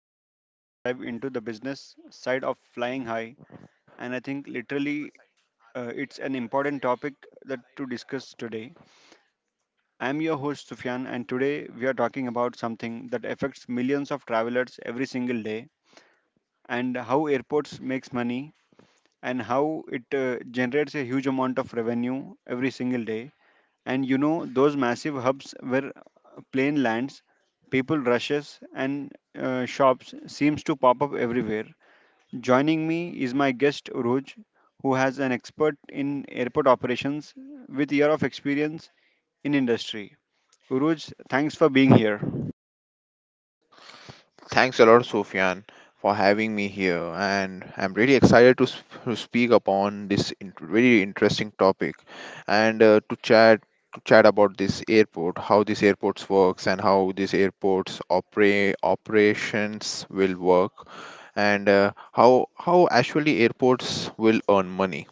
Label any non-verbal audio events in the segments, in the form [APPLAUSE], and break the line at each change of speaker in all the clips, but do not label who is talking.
podcast where we dive into the business side of flying high. And I think literally, it's an important topic that to discuss today. I'm your host, Sufyan, and today we are talking about something that affects millions of travelers every single day, and how airports makes money, and how it generates a huge amount of revenue every single day. And those massive hubs where plane lands, people rushes, and shops seems to pop up everywhere. Joining me is my guest Roj, who has an expert in airport operations with year of experience in industry. Uruj, thanks for being here.
Thanks a lot, Sofyan, for having me here, and I'm really excited to, to speak upon this very interesting topic, and to chat about this airport, how this airports works, and how this airports operations will work, and how actually airports will earn money.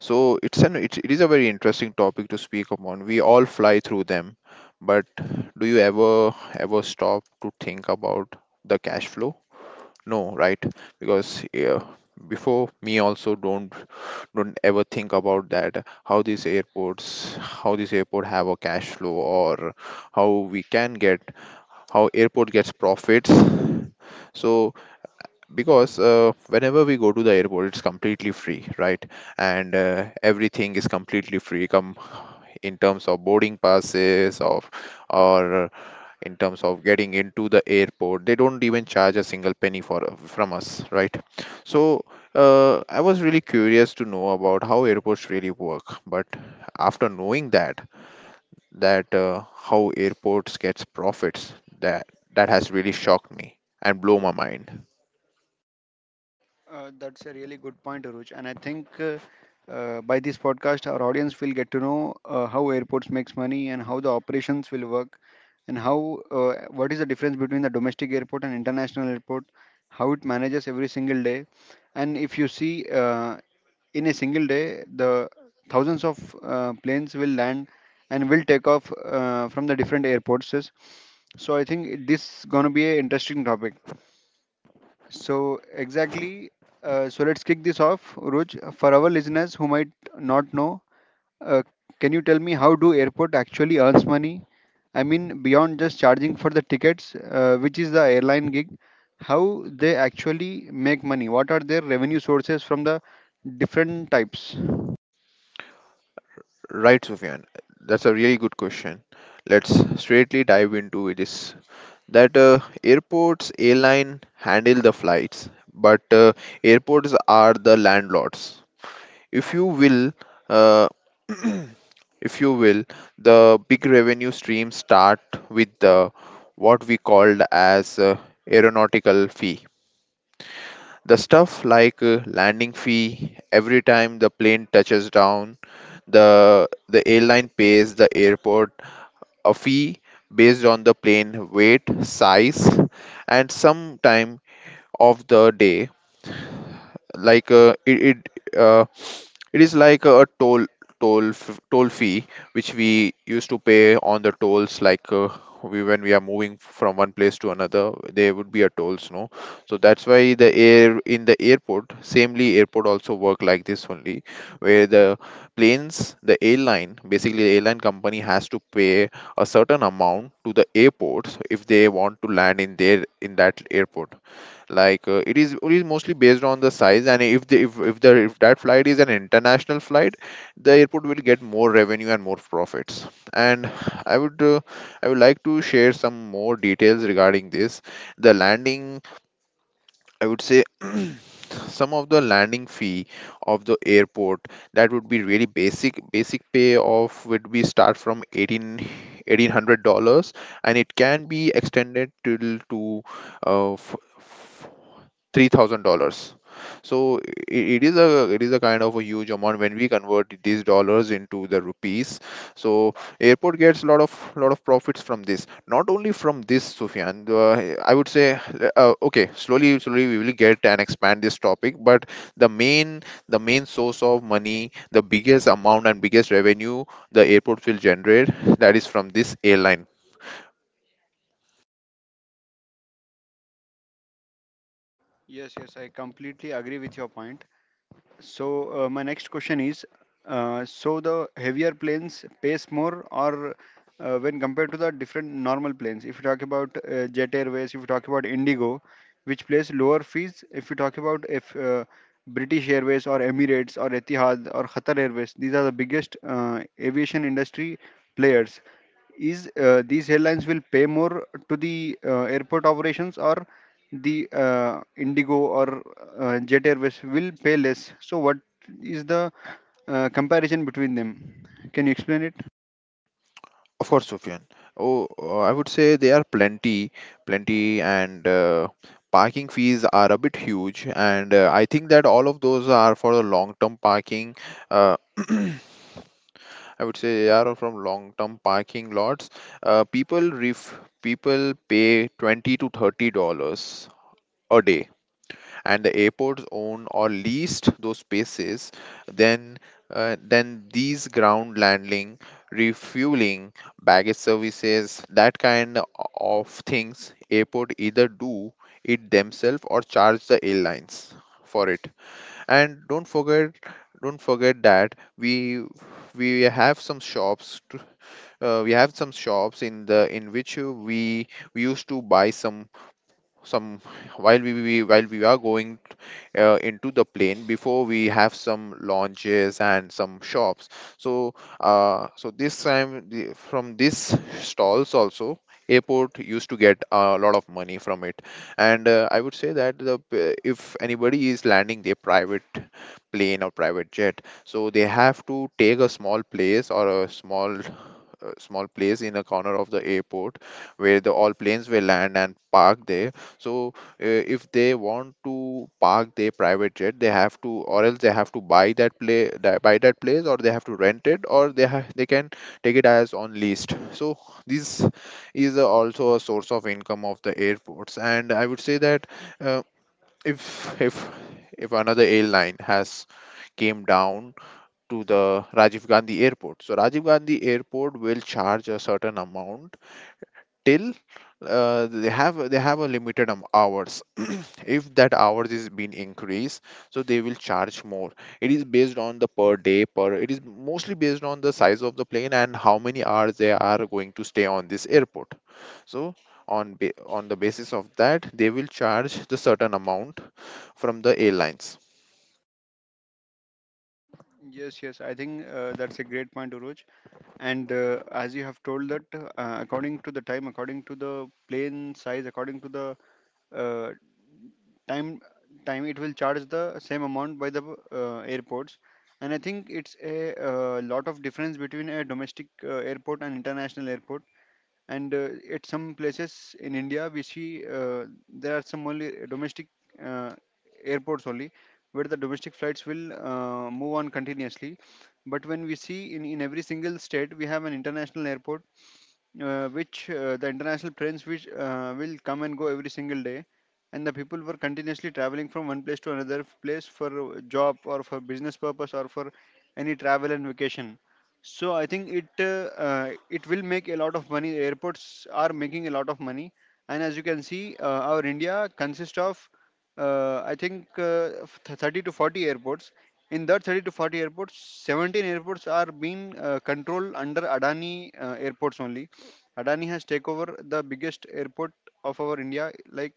So it is a very interesting topic to speak upon. We all fly through them, but do you ever stop to think about the cash flow? No, right? Because yeah, before me also don't ever think about that. How these airports, how this airport have a cash flow, or how we can get how airport gets profits. So because whenever we go to the airport it's completely free, right? And everything is completely free, come in terms of boarding passes of or in terms of getting into the airport they don't even charge a single penny for from us, right? So I was really curious to know about how airports really work, but after knowing that how airports gets profits, that that has really shocked me and blow my mind.
That's a really good point, Aruj. And I think by this podcast, our audience will get to know how airports makes money and how the operations will work, and how what is the difference between the domestic airport and international airport, how it manages every single day. And if you see, in a single day, the thousands of planes will land and will take off from the different airports. So I think this gonna be an interesting topic. So, exactly. So, let's kick this off, Uruj. For our listeners who might not know, uh, can you tell me how do airport actually earns money? I mean, beyond just charging for the tickets, which is the airline gig, how they actually make money? What are their revenue sources from the different types?
Right, Sufyan. That's a really good question. Let's straightly dive into this. That Airports, airline handle the flights, but airports are the landlords. If you will, uh, [CLEARS THROAT] if you will, the big revenue streams start with the what we called as aeronautical fee, the stuff like landing fee. Every time the plane touches down, the airline pays the airport a fee based on the plane weight, size, and some time of the day. Like it is like a toll toll fee which we used to pay on the tolls. Like we when we are moving from one place to another there would be a tolls, no? So that's why the air in the airport, samely airport also work like this only, where the planes, the airline, basically the airline company has to pay a certain amount to the airports if they want to land in their in that airport. Like it is mostly based on the size, and if the if that flight is an international flight the airport will get more revenue and more profits. And i would uh, I would like to share some more details regarding this. The landing, I would say [CLEARS THROAT] some of the landing fee of the airport, that would be really basic pay of would be start from eighteen eighteen hundred dollars, and it can be extended till to uh, $3,000. So i- it is a it is a kind of a huge amount when we convert these dollars into the rupees. So airport gets a lot of profits from this. Not only from this, Sufyan. I would say okay, slowly slowly we will get and expand this topic. But the main the main source of money, the biggest amount and biggest revenue the airport will generate, that is from this airline.
Yes, yes, I completely agree with your point. So my next question is, so the heavier planes pays more, or when compared to the different normal planes? If you talk about Jet Airways, if you talk about Indigo, which pays lower fees? If you talk about if British Airways or Emirates or Etihad or Qatar Airways, these are the biggest aviation industry players. Is these airlines will pay more to the airport operations, or the Indigo or Jet Airways will pay less? So what is the comparison between them? Can you explain it?
Of course, Sufyan. Oh, I would say there are plenty, and parking fees are a bit huge. And I think that all of those are for the long-term parking. Uh, [CLEARS THROAT] I would say they are from long-term parking lots. People pay 20 to 30 dollars a day, and the airports own or leased those spaces. Then these ground landing, refueling, baggage services, that kind of things, airport either do it themselves or charge the airlines for it. And don't forget that we have some shops. We have some shops in the in which we used to buy some some while we while we are going into the plane. Before, we have some launches and some shops. So so this time, the, from these stalls also airport used to get a lot of money from it. And I would say that if anybody is landing their private plane or private jet, so they have to take a small place, or a small small place in a corner of the airport where the all planes will land and park there. So if they want to park their private jet they have to, or else they have to buy that place, or they have to rent it, or they can take it as on leased. So this is also a source of income of the airports. And I would say that uh, if if another airline has came down to the Rajiv Gandhi airport, so Rajiv Gandhi airport will charge a certain amount till they have a limited hours. [CLEARS THROAT] if that hours is being increased, so they will charge more. It is based on the per day per, it is mostly based on the size of the plane and how many hours they are going to stay on this airport. So on the basis of that they will charge the certain amount from the airlines.
Yes, yes, I think that's a great point, Uruj. And as you have told that, according to the time, according to the plane size, according to the uh, time time, it will charge the same amount by the airports. And I think it's a lot of difference between a domestic airport and international airport. And at some places in India, we see there are some only domestic uh, airports only, where the domestic flights will move on continuously. But when we see in every single state, we have an international airport, which the international trains which will come and go every single day. And the people were continuously traveling from one place to another place for job or for business purpose, or for any travel and vacation. So I think it it will make a lot of money. Airports are making a lot of money. And as you can see, our India consists of, I think, 30 to 40 airports. In that 30 to 40 airports, 17 airports are being controlled under Adani airports only. Adani has taken over the biggest airport of our India, like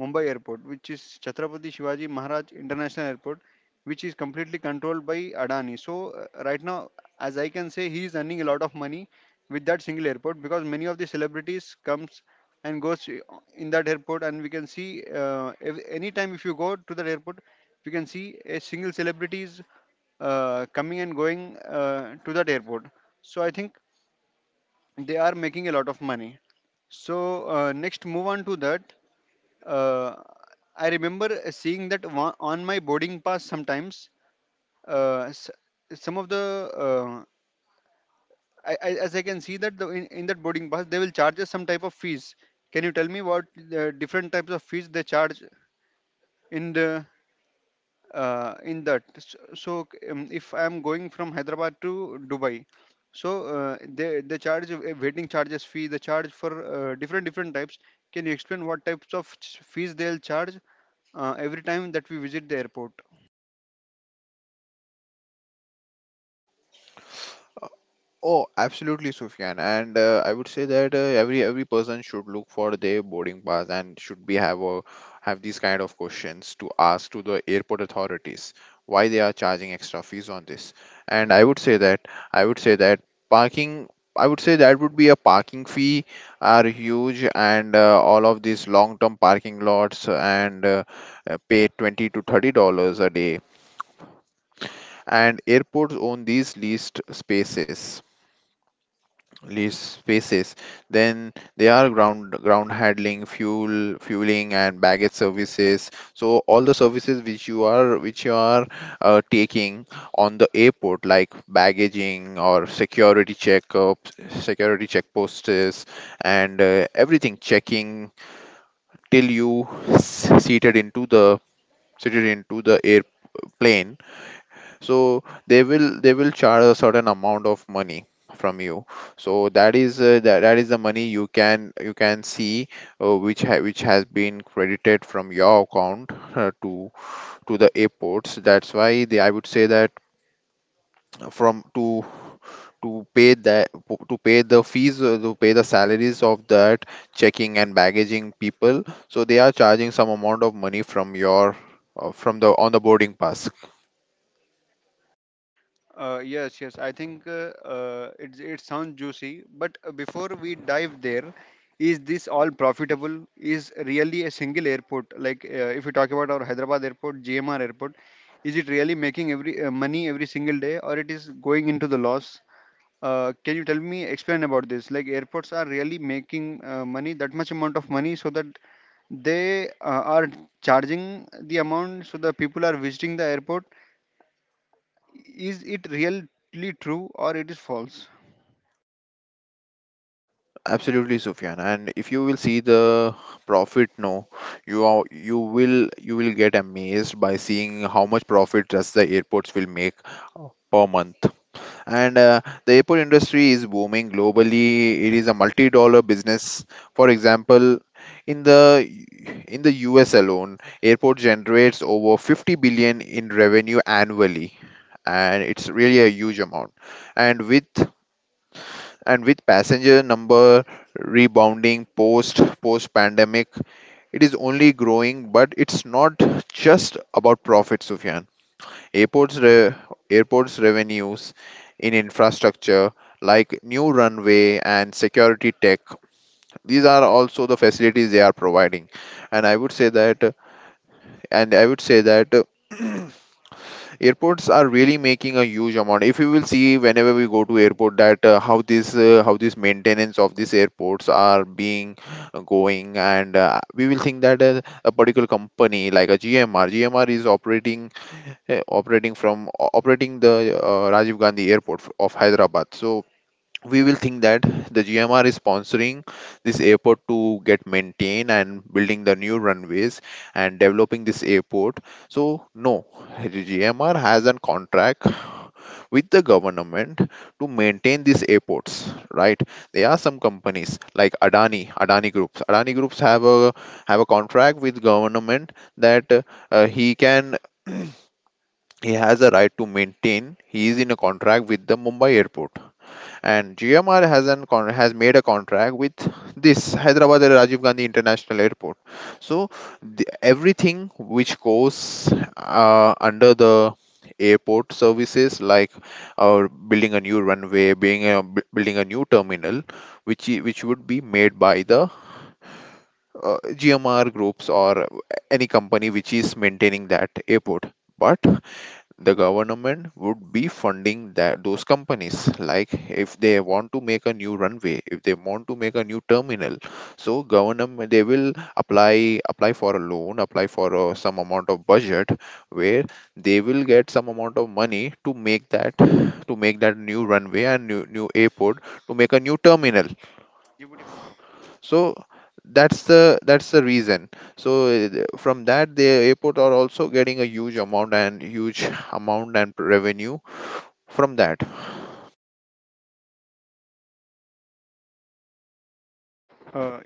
Mumbai Airport, which is Chhatrapati Shivaji Maharaj International Airport, which is completely controlled by Adani. So right now, as I can say, he is earning a lot of money with that single airport, because many of the celebrities comes and goes in that airport. And we can see, any time if you go to that airport, we can see a single celebrities coming and going to that airport. So I think they are making a lot of money. So, next, move on to that. Uh, I remember seeing that on my boarding pass sometimes. Uh, s- some of the, I, as I can see that in that boarding pass they will charge us some type of fees. Can you tell me what the different types of fees they charge in the, in that? So, if I am going from Hyderabad to Dubai, so they charge a waiting charges fee. They charge for different types. Can you explain what types of fees they'll charge every time that we visit the airport?
Oh, absolutely, Sufyan. And I would say that every person should look for their boarding pass and should be have a have these kind of questions to ask to the airport authorities, why they are charging extra fees on this. And I would say that I would say that parking. I would say that would be a parking fee, are huge. And all of these long-term parking lots and pay 20 to 30 dollars a day, and airports own these leased spaces lease spaces. Then they are ground handling, fueling, and baggage services. So all the services which you are taking on the airport, like baggaging or security checkposts, and everything checking till seated into the airplane. So they will charge a certain amount of money from you. So that is that is the money you can see which has been credited from your account uh, to to the airports. That's why they, I would say that, from to pay that, to pay the fees, to pay the salaries of that checking and baggaging people. So they are charging some amount of money from your from the on the boarding pass.
Yes, yes. I think it sounds juicy, but before we dive there, is this all profitable? Is really a single airport, like, if you talk about our Hyderabad airport, GMR airport, is it really making every money every single day, or it is going into the loss? Can you tell me? Explain about this, like airports are really making money, that much amount of money, so that they are charging the amount so the people are visiting the airport. Is it really true, or it is false?
Absolutely, Sufyan. And if you will see the profit, no, you will get amazed by seeing how much profit just the airports will make per month. And the airport industry is booming globally. It is a multi-dollar business. For example, in the in the US alone, airport generates over 50 billion in revenue annually, and it's really a huge amount. And with and with passenger number rebounding post pandemic, it is only growing. But it's not just about profit, Sufyan. airports re- Airports revenues in infrastructure, like new runway and security tech, these are also the facilities they are providing. And I would say that and I would say that [CLEARS THROAT] airports are really making a huge amount. If you will see, whenever we go to airport, that how this maintenance of these airports are being going. And we will think that a particular company like a GMR is operating operating the Rajiv Gandhi airport of Hyderabad. So we will think that the GMR is sponsoring this airport to get maintained, and building the new runways and developing this airport. So no, the GMR has a contract with the government to maintain these airports, right? There are some companies like Adani Groups. Adani Groups have a contract with government that he can [CLEARS THROAT] he has a right to maintain. He is in a contract with the Mumbai airport, and GMR has has made a contract with this Hyderabad Rajiv Gandhi International Airport. So everything which goes under the airport services like building a new runway, building a new terminal which which would be made by the gmr groups or any company which is maintaining that airport. But the government would be funding that those companies. Like if they want to make a new runway, if they want to make a new terminal, so government, they will apply for a loan, apply for some amount of budget where they will get some amount of money to make that, to make that new runway and new airport, to make a new terminal.
ChatGPT tomorrow.
So that's the reason. So from that the airport are also getting a huge amount and revenue from that.
Uh,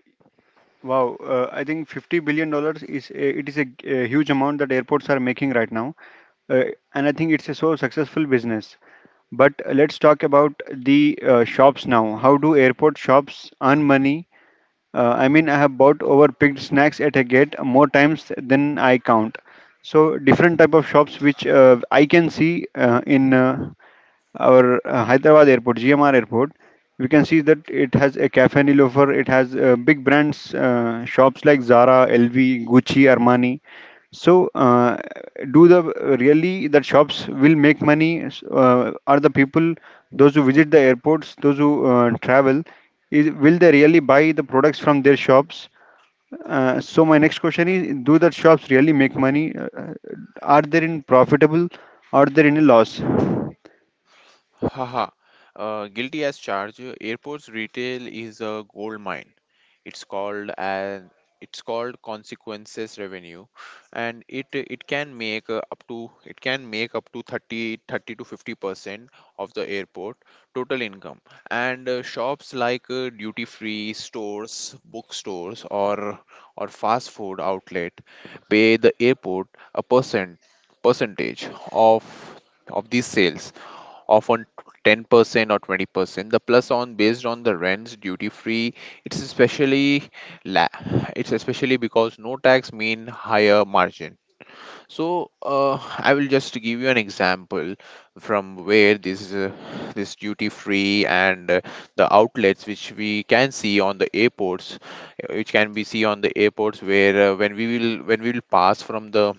wow, I think $50 billion is a huge amount that airports are making right now. uh, and I think it's a so successful business. But let's talk about the shops now. How do airport shops earn money? I mean, I have bought overpicked snacks at a gate more times than I count. So different type of shops which I can see in our Hyderabad airport, GMR airport, we can see that it has a cafe Nilofer, it has big brands, shops like Zara, LV, Gucci, Armani. So, do the really that shops will make money? Are the people, those who visit the airports, those who travel, will they really buy the products from their shops? So my next question is: do the shops really make money? Are they in profitable? Are they in a loss?
Haha, guilty as charged. Airports retail is a gold mine. It's called as it's called consequences revenue, and it can make up to 30 30 to 50 percent of the airport total income. And shops like duty free stores, bookstores, or fast food outlet pay the airport a percentage of of these sales, often 10% or 20%. The plus on based on the rents duty free, it's especially la- it's especially because no tax mean higher margin. So I will just give you an example from where this this duty free and the outlets which we can see on the airports, which can be see on the airports, where when we will pass from the,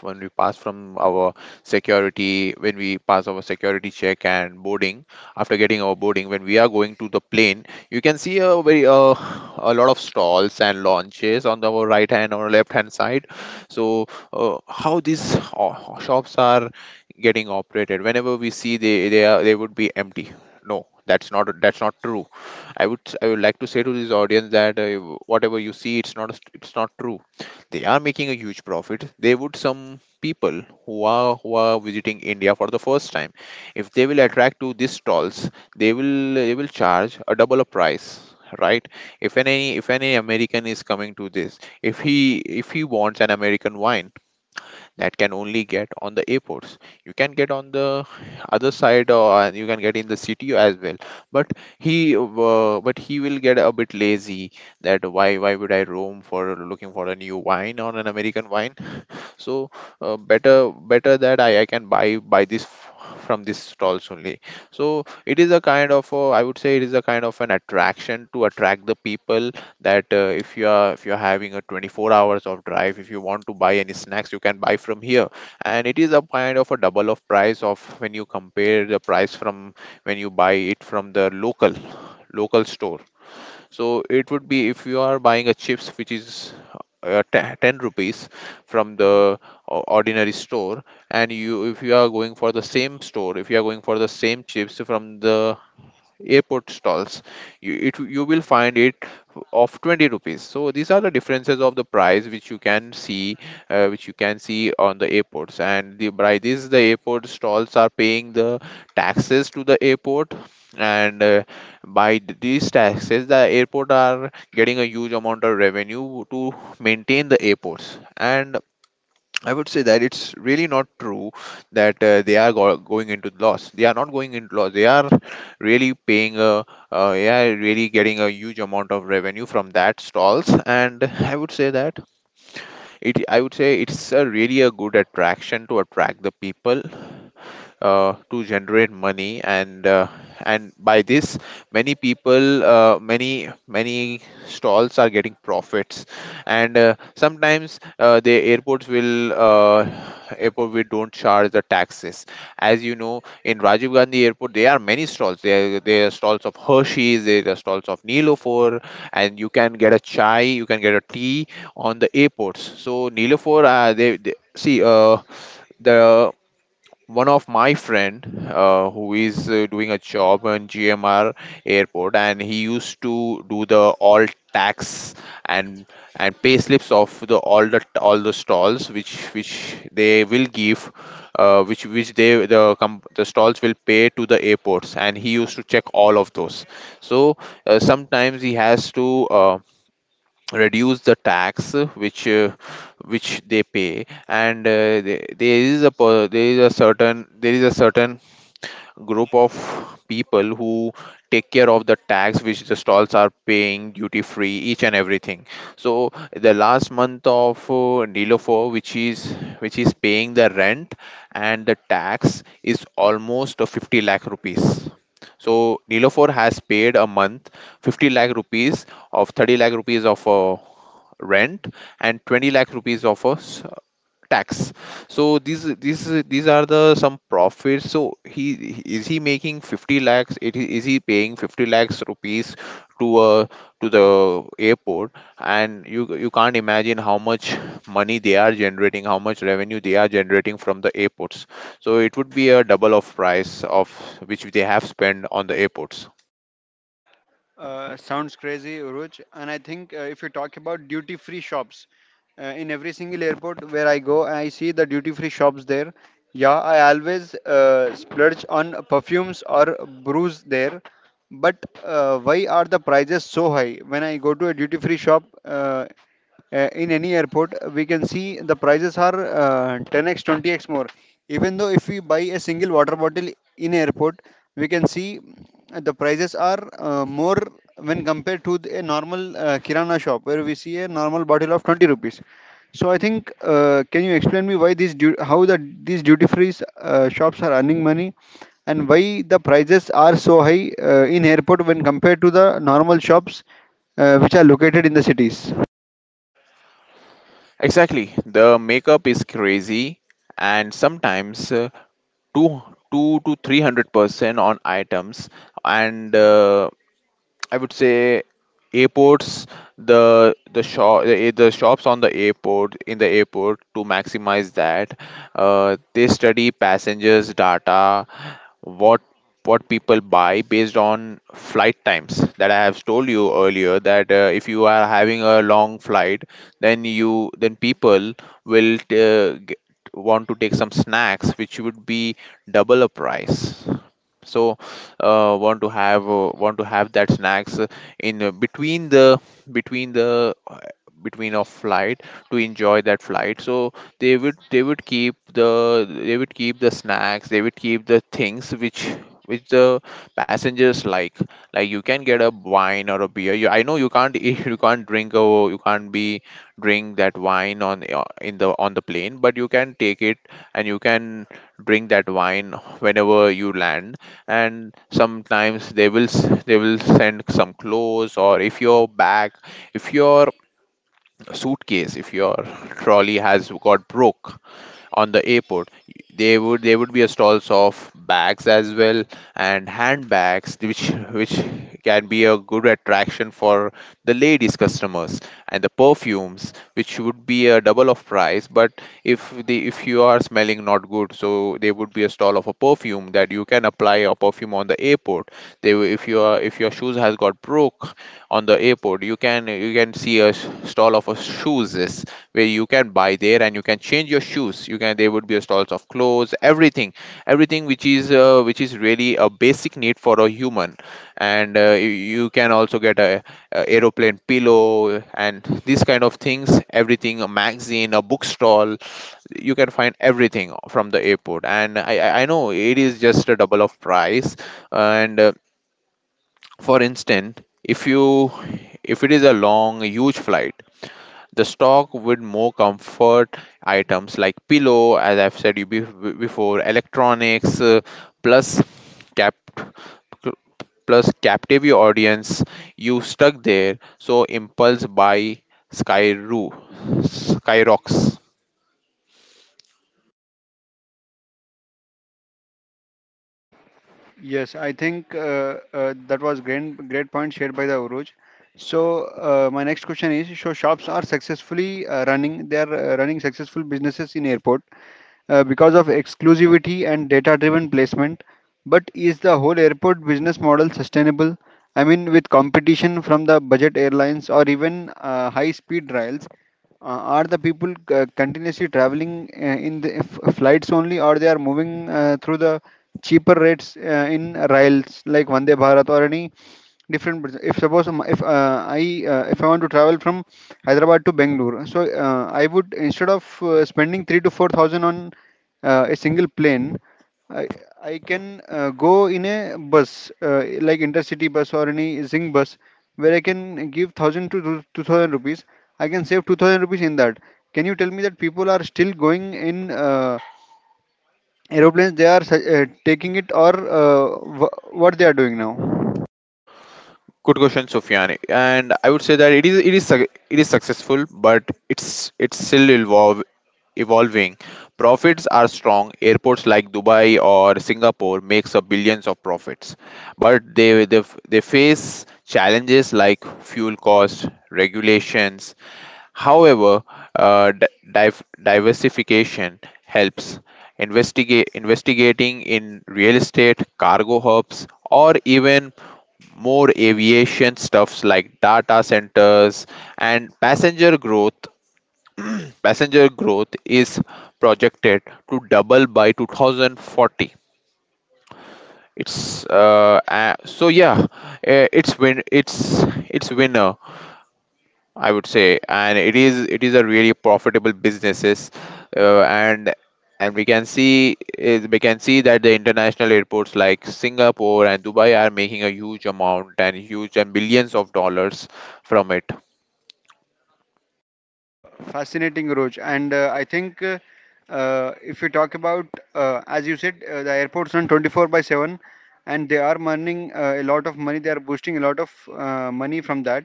when we pass from our security, when we pass our security check and boarding, after getting our boarding, when we are going to the plane, you can see a very a lot of stalls and launches on the our right hand or left hand side. So how these shops are getting operated? Whenever we see, they are, they would be empty. No, that's not true. I would like to say to this audience that whatever you see, it's not true. They are making a huge profit. They would, some people who are, who are visiting india for the first time, if they will attract to these stalls, they will they will charge a double of price, right? If any american is coming to this, if he if he wants an american wine, that can only get on the airports. You can get on the other side, or, and you can get in the city as well. But but he will get a bit lazy. That, why would I roam for looking for a new wine or an American wine? So better that I can buy this from these stalls only. So it is a kind of I would say it is a kind of an attraction to attract the people, that if you are, if you're having a 24 hours of drive, if you want to buy any snacks, you can buy from here. And it is a kind of a double of price of, when you compare the price from when you buy it from the local store. So it would be, if you are buying a chips which is 10 rupees from the ordinary store, and you, if you are going for the same store, if you are going for the same chips from the airport stalls, you will find it of 20 rupees. So these are the differences of the price which you can see, which you can see on the airports. And the, by this, the airport stalls are paying the taxes to the airport. And by these taxes, the airport are getting a huge amount of revenue to maintain the airports. And I would say that it's really not true that going into loss. They are not going into loss. They are really paying a, they are really getting a huge amount of revenue from that stalls. And I would say that I would say it's a really a good attraction to attract the people to generate money. And and by this, many people, many stalls are getting profits. And sometimes the airports will airport, we don't charge the taxes. As you know, in rajiv gandhi airport there are many stalls there. There are stalls of hershey's, there are stalls of Nilofer, and you can get a chai, you can get a tea on the airports. So Nilofer, they see the one of my friend who is doing a job in GMR airport, and he used to do the all tax and and pay slips of the all, the all the stalls which they will give, which they the com- the stalls will pay to the airports, and he used to check all of those. So sometimes he has to reduce the tax which they pay. And there is a there is a certain, there is a certain group of people who take care of the tax which the stalls are paying, duty free, each and everything. So the last month of Nilofer, which is, which is paying the rent and the tax, is almost 50 lakh rupees. So Nilofer has paid a month 50 lakh rupees, of 30 lakh rupees of rent and 20 lakh rupees of a tax. So these are the some profits. So he is, he making 50 lakhs, it is, he paying 50 lakhs rupees to uh, to the airport. And you can't imagine how much money they are generating, how much revenue they are generating from the airports. So it would be a double of price of which they have spent on the airports.
Sounds crazy, Uruj. And I think if you talk about duty free shops, in every single airport where I go, I see the duty free shops there. Yeah, I always splurge on perfumes or brews there. But why are the prices so high? When I go to a duty free shop, in any airport, we can see the prices are 10x, 20x more. Even though if we buy a single water bottle in airport, we can see the prices are more when compared to a normal kirana shop, where we see a normal bottle of 20 rupees. So I think, can you explain me why these how the these duty free shops are earning money, and why the prices are so high in airport when compared to the normal shops which are located in the cities?
Exactly. The makeup is crazy, and sometimes two two to three hundred percent on items. And I would say airports, the shops on the airport, in the airport, to maximize that. They study passengers' data, what what people buy based on flight times. That I have told you earlier that if you are having a long flight, then people will want to take some snacks which would be double a price. So want to have that snacks in between the between the between a flight to enjoy that flight. So they would keep the, they would keep the snacks, they would keep the things which the passengers like. Like you can get a wine or a beer. You, I know you can't [LAUGHS] you can't drink a you can't be drink that wine on in the on the plane, but you can take it and you can drink that wine whenever you land. And sometimes they will they will send some clothes. Or if your bag, if your suitcase, if your trolley has got broke on the airport, they would, there would be a stalls of bags as well, and handbags, which can be a good attraction for the ladies customers. And the perfumes which would be a double of price, but if the, if you are smelling not good, so there would be a stall of a perfume, that you can apply a perfume on the airport. They will, if your, if your shoes has got broke on the airport, you can, you can see a stall of a shoes where you can buy there and you can change your shoes. You can, there would be stalls of clothes, everything, everything which is really a basic need for a human. And you can also get a aeroplane pillow, and these kind of things, everything, a magazine, a book stall. You can find everything from the airport, and I know it is just a double of price. And for instance, if you, if it is a long huge flight, the stock with more comfort items like pillow, as I've said you before, electronics, plus cap plus captive your audience, you stuck there, so impulse buy. Skyro skyrocks.
Yes, I think that was great, great point shared by the Uruj. So my next question is: so shops are successfully running; they are running successful businesses in airport because of exclusivity and data driven placement. But is the whole airport business model sustainable? I mean, with competition from the budget airlines or even high speed rails, are the people continuously traveling in the flights only, or they are moving through the cheaper rates in rails like Vande Bharat or any different business? If suppose if I if I want to travel from Hyderabad to Bangalore, so I would, instead of spending 3 to 4000 on a single plane, i I can go in a bus, like intercity bus or any zing bus, where I can give 1000 to 2000 rupees. I can save 2000 rupees in that. Can you tell me that people are still going in uh, aeroplanes? They are taking it, or uh, what they are doing now?
Good question, Sufyan. And I would say that it is successful, but it's still evolving. Profits are strong. Airports like Dubai or Singapore makes up billions of profits, but they face challenges like fuel costs, regulations. However, uh, di- diversification helps. Investigate Investigating in real estate, cargo hubs, or even more aviation stuffs like data centers. And passenger growth is projected to double by 2040. It's so yeah, it's win it's it's winner, I would say. And it is a really profitable businesses, uh, and and we can see is we can see that the international airports like Singapore and Dubai are making a huge amount and huge and billions of dollars from it.
Uh, Fascinating, Roj. And I think if you talk about, as you said, the airports run 24 by 7, and they are earning a lot of money. They are boosting a lot of money from that.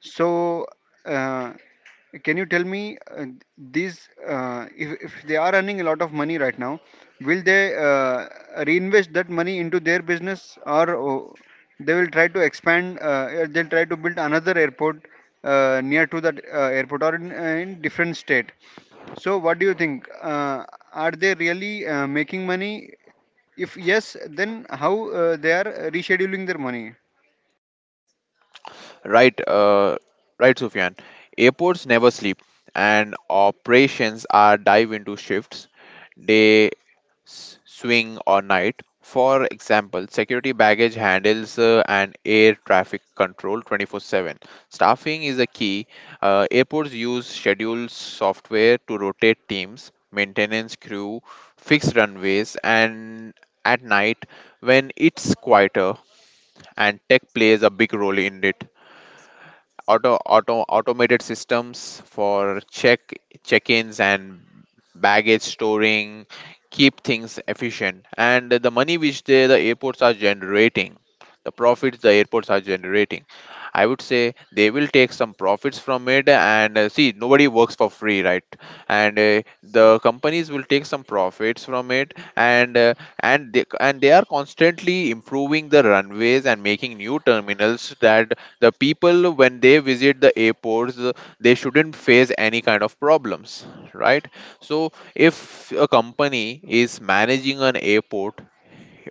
So, uh, can you tell me, these, if they are earning a lot of money right now, will they reinvest that money into their business? Or oh, they will try to expand? Or they'll try to build another airport near to that airport, or in, in different state. So, what do you think? Are they really making money? If yes, then how they are rescheduling their money?
Right, right, Sufyan. Airports never sleep, and operations are dive into shifts, day, swing, or night. For example, security baggage handles and air traffic control 24/7. Staffing is a key. Airports use schedule software to rotate teams, maintenance crew, fix runways, and at night when it's quieter. And tech plays a big role in it. Automated systems for check-ins and baggage storing keep things efficient. And the money which they, the airports are generating, the profits the airports are generating, I would say they will take some profits from it. And see, nobody works for free, right? And the companies will take some profits from it. And and they are constantly improving the runways and making new terminals, that the people when they visit the airports, they shouldn't face any kind of problems, right? So if a company is managing an airport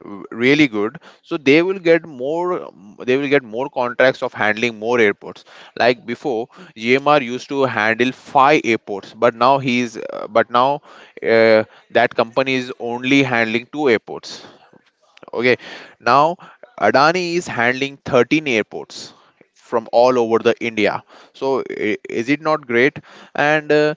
really good, so they will get more they will get more contracts of handling more airports. Like before, gmr used to handle 5 airports, but now he's but now uh, that company is only handling 2 airports. Okay, now Adani is handling 13 airports from all over the India. So is it not great? And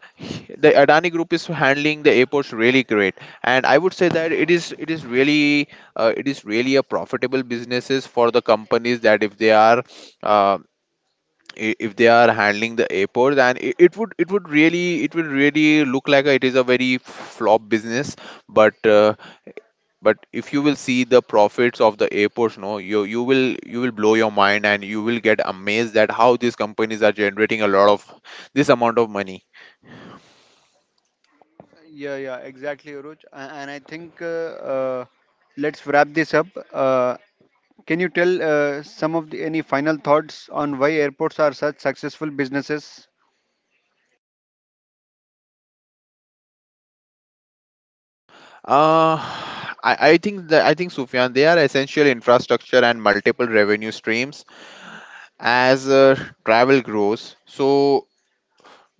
the Adani Group is handling the airports really great. And I would say that it is really, it is really a profitable businesses for the companies. That if they are uh, if they are handling the airport, then it would really look like it is a very flop business. But but if you will see the profits of the airports, no, you will, you will blow your mind, and you will get amazed at how these companies are generating a lot of this amount of money.
Yeah, yeah, exactly, Uruj. And I think uh, let's wrap this up. Uh, can you tell some of any final thoughts on why airports are such successful businesses?
Uh i i think that, I think Sufyan, they are essential infrastructure and multiple revenue streams. As travel grows, so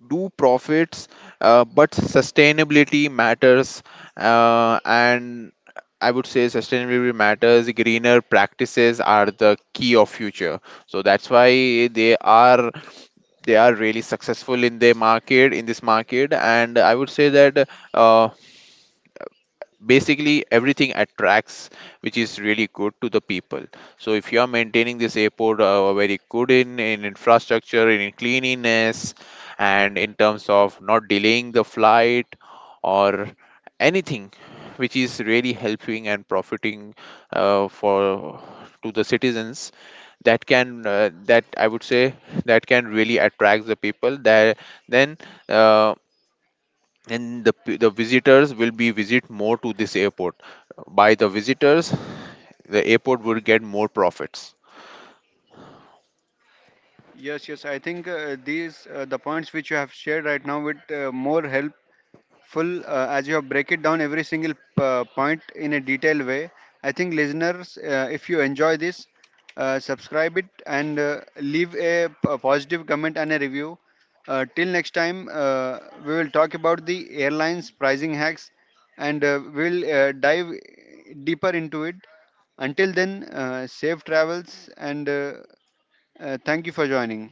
do profits. But sustainability matters. And I would say sustainability matters, greener practices are the key of future. So that's why they are really successful in their market, in this market. And I would say that uh, basically everything attracts which is really good to the people. So if you are maintaining this airport very good in infrastructure, in cleanliness, and in terms of not delaying the flight, or anything which is really helping and profiting for to the citizens, that can that I would say, that can really attract the people. That then uh, the visitors will be visit more to this airport. By the visitors, the airport will get more profits.
Yes, yes. I think these, the points which you have shared right now would more help full, as you have break it down every single point in a detailed way. I think, listeners, if you enjoy this, subscribe it, and leave a, a positive comment and a review. Till next time, we will talk about the airlines pricing hacks, and we'll dive deeper into it. Until then, safe travels, and thank you for joining.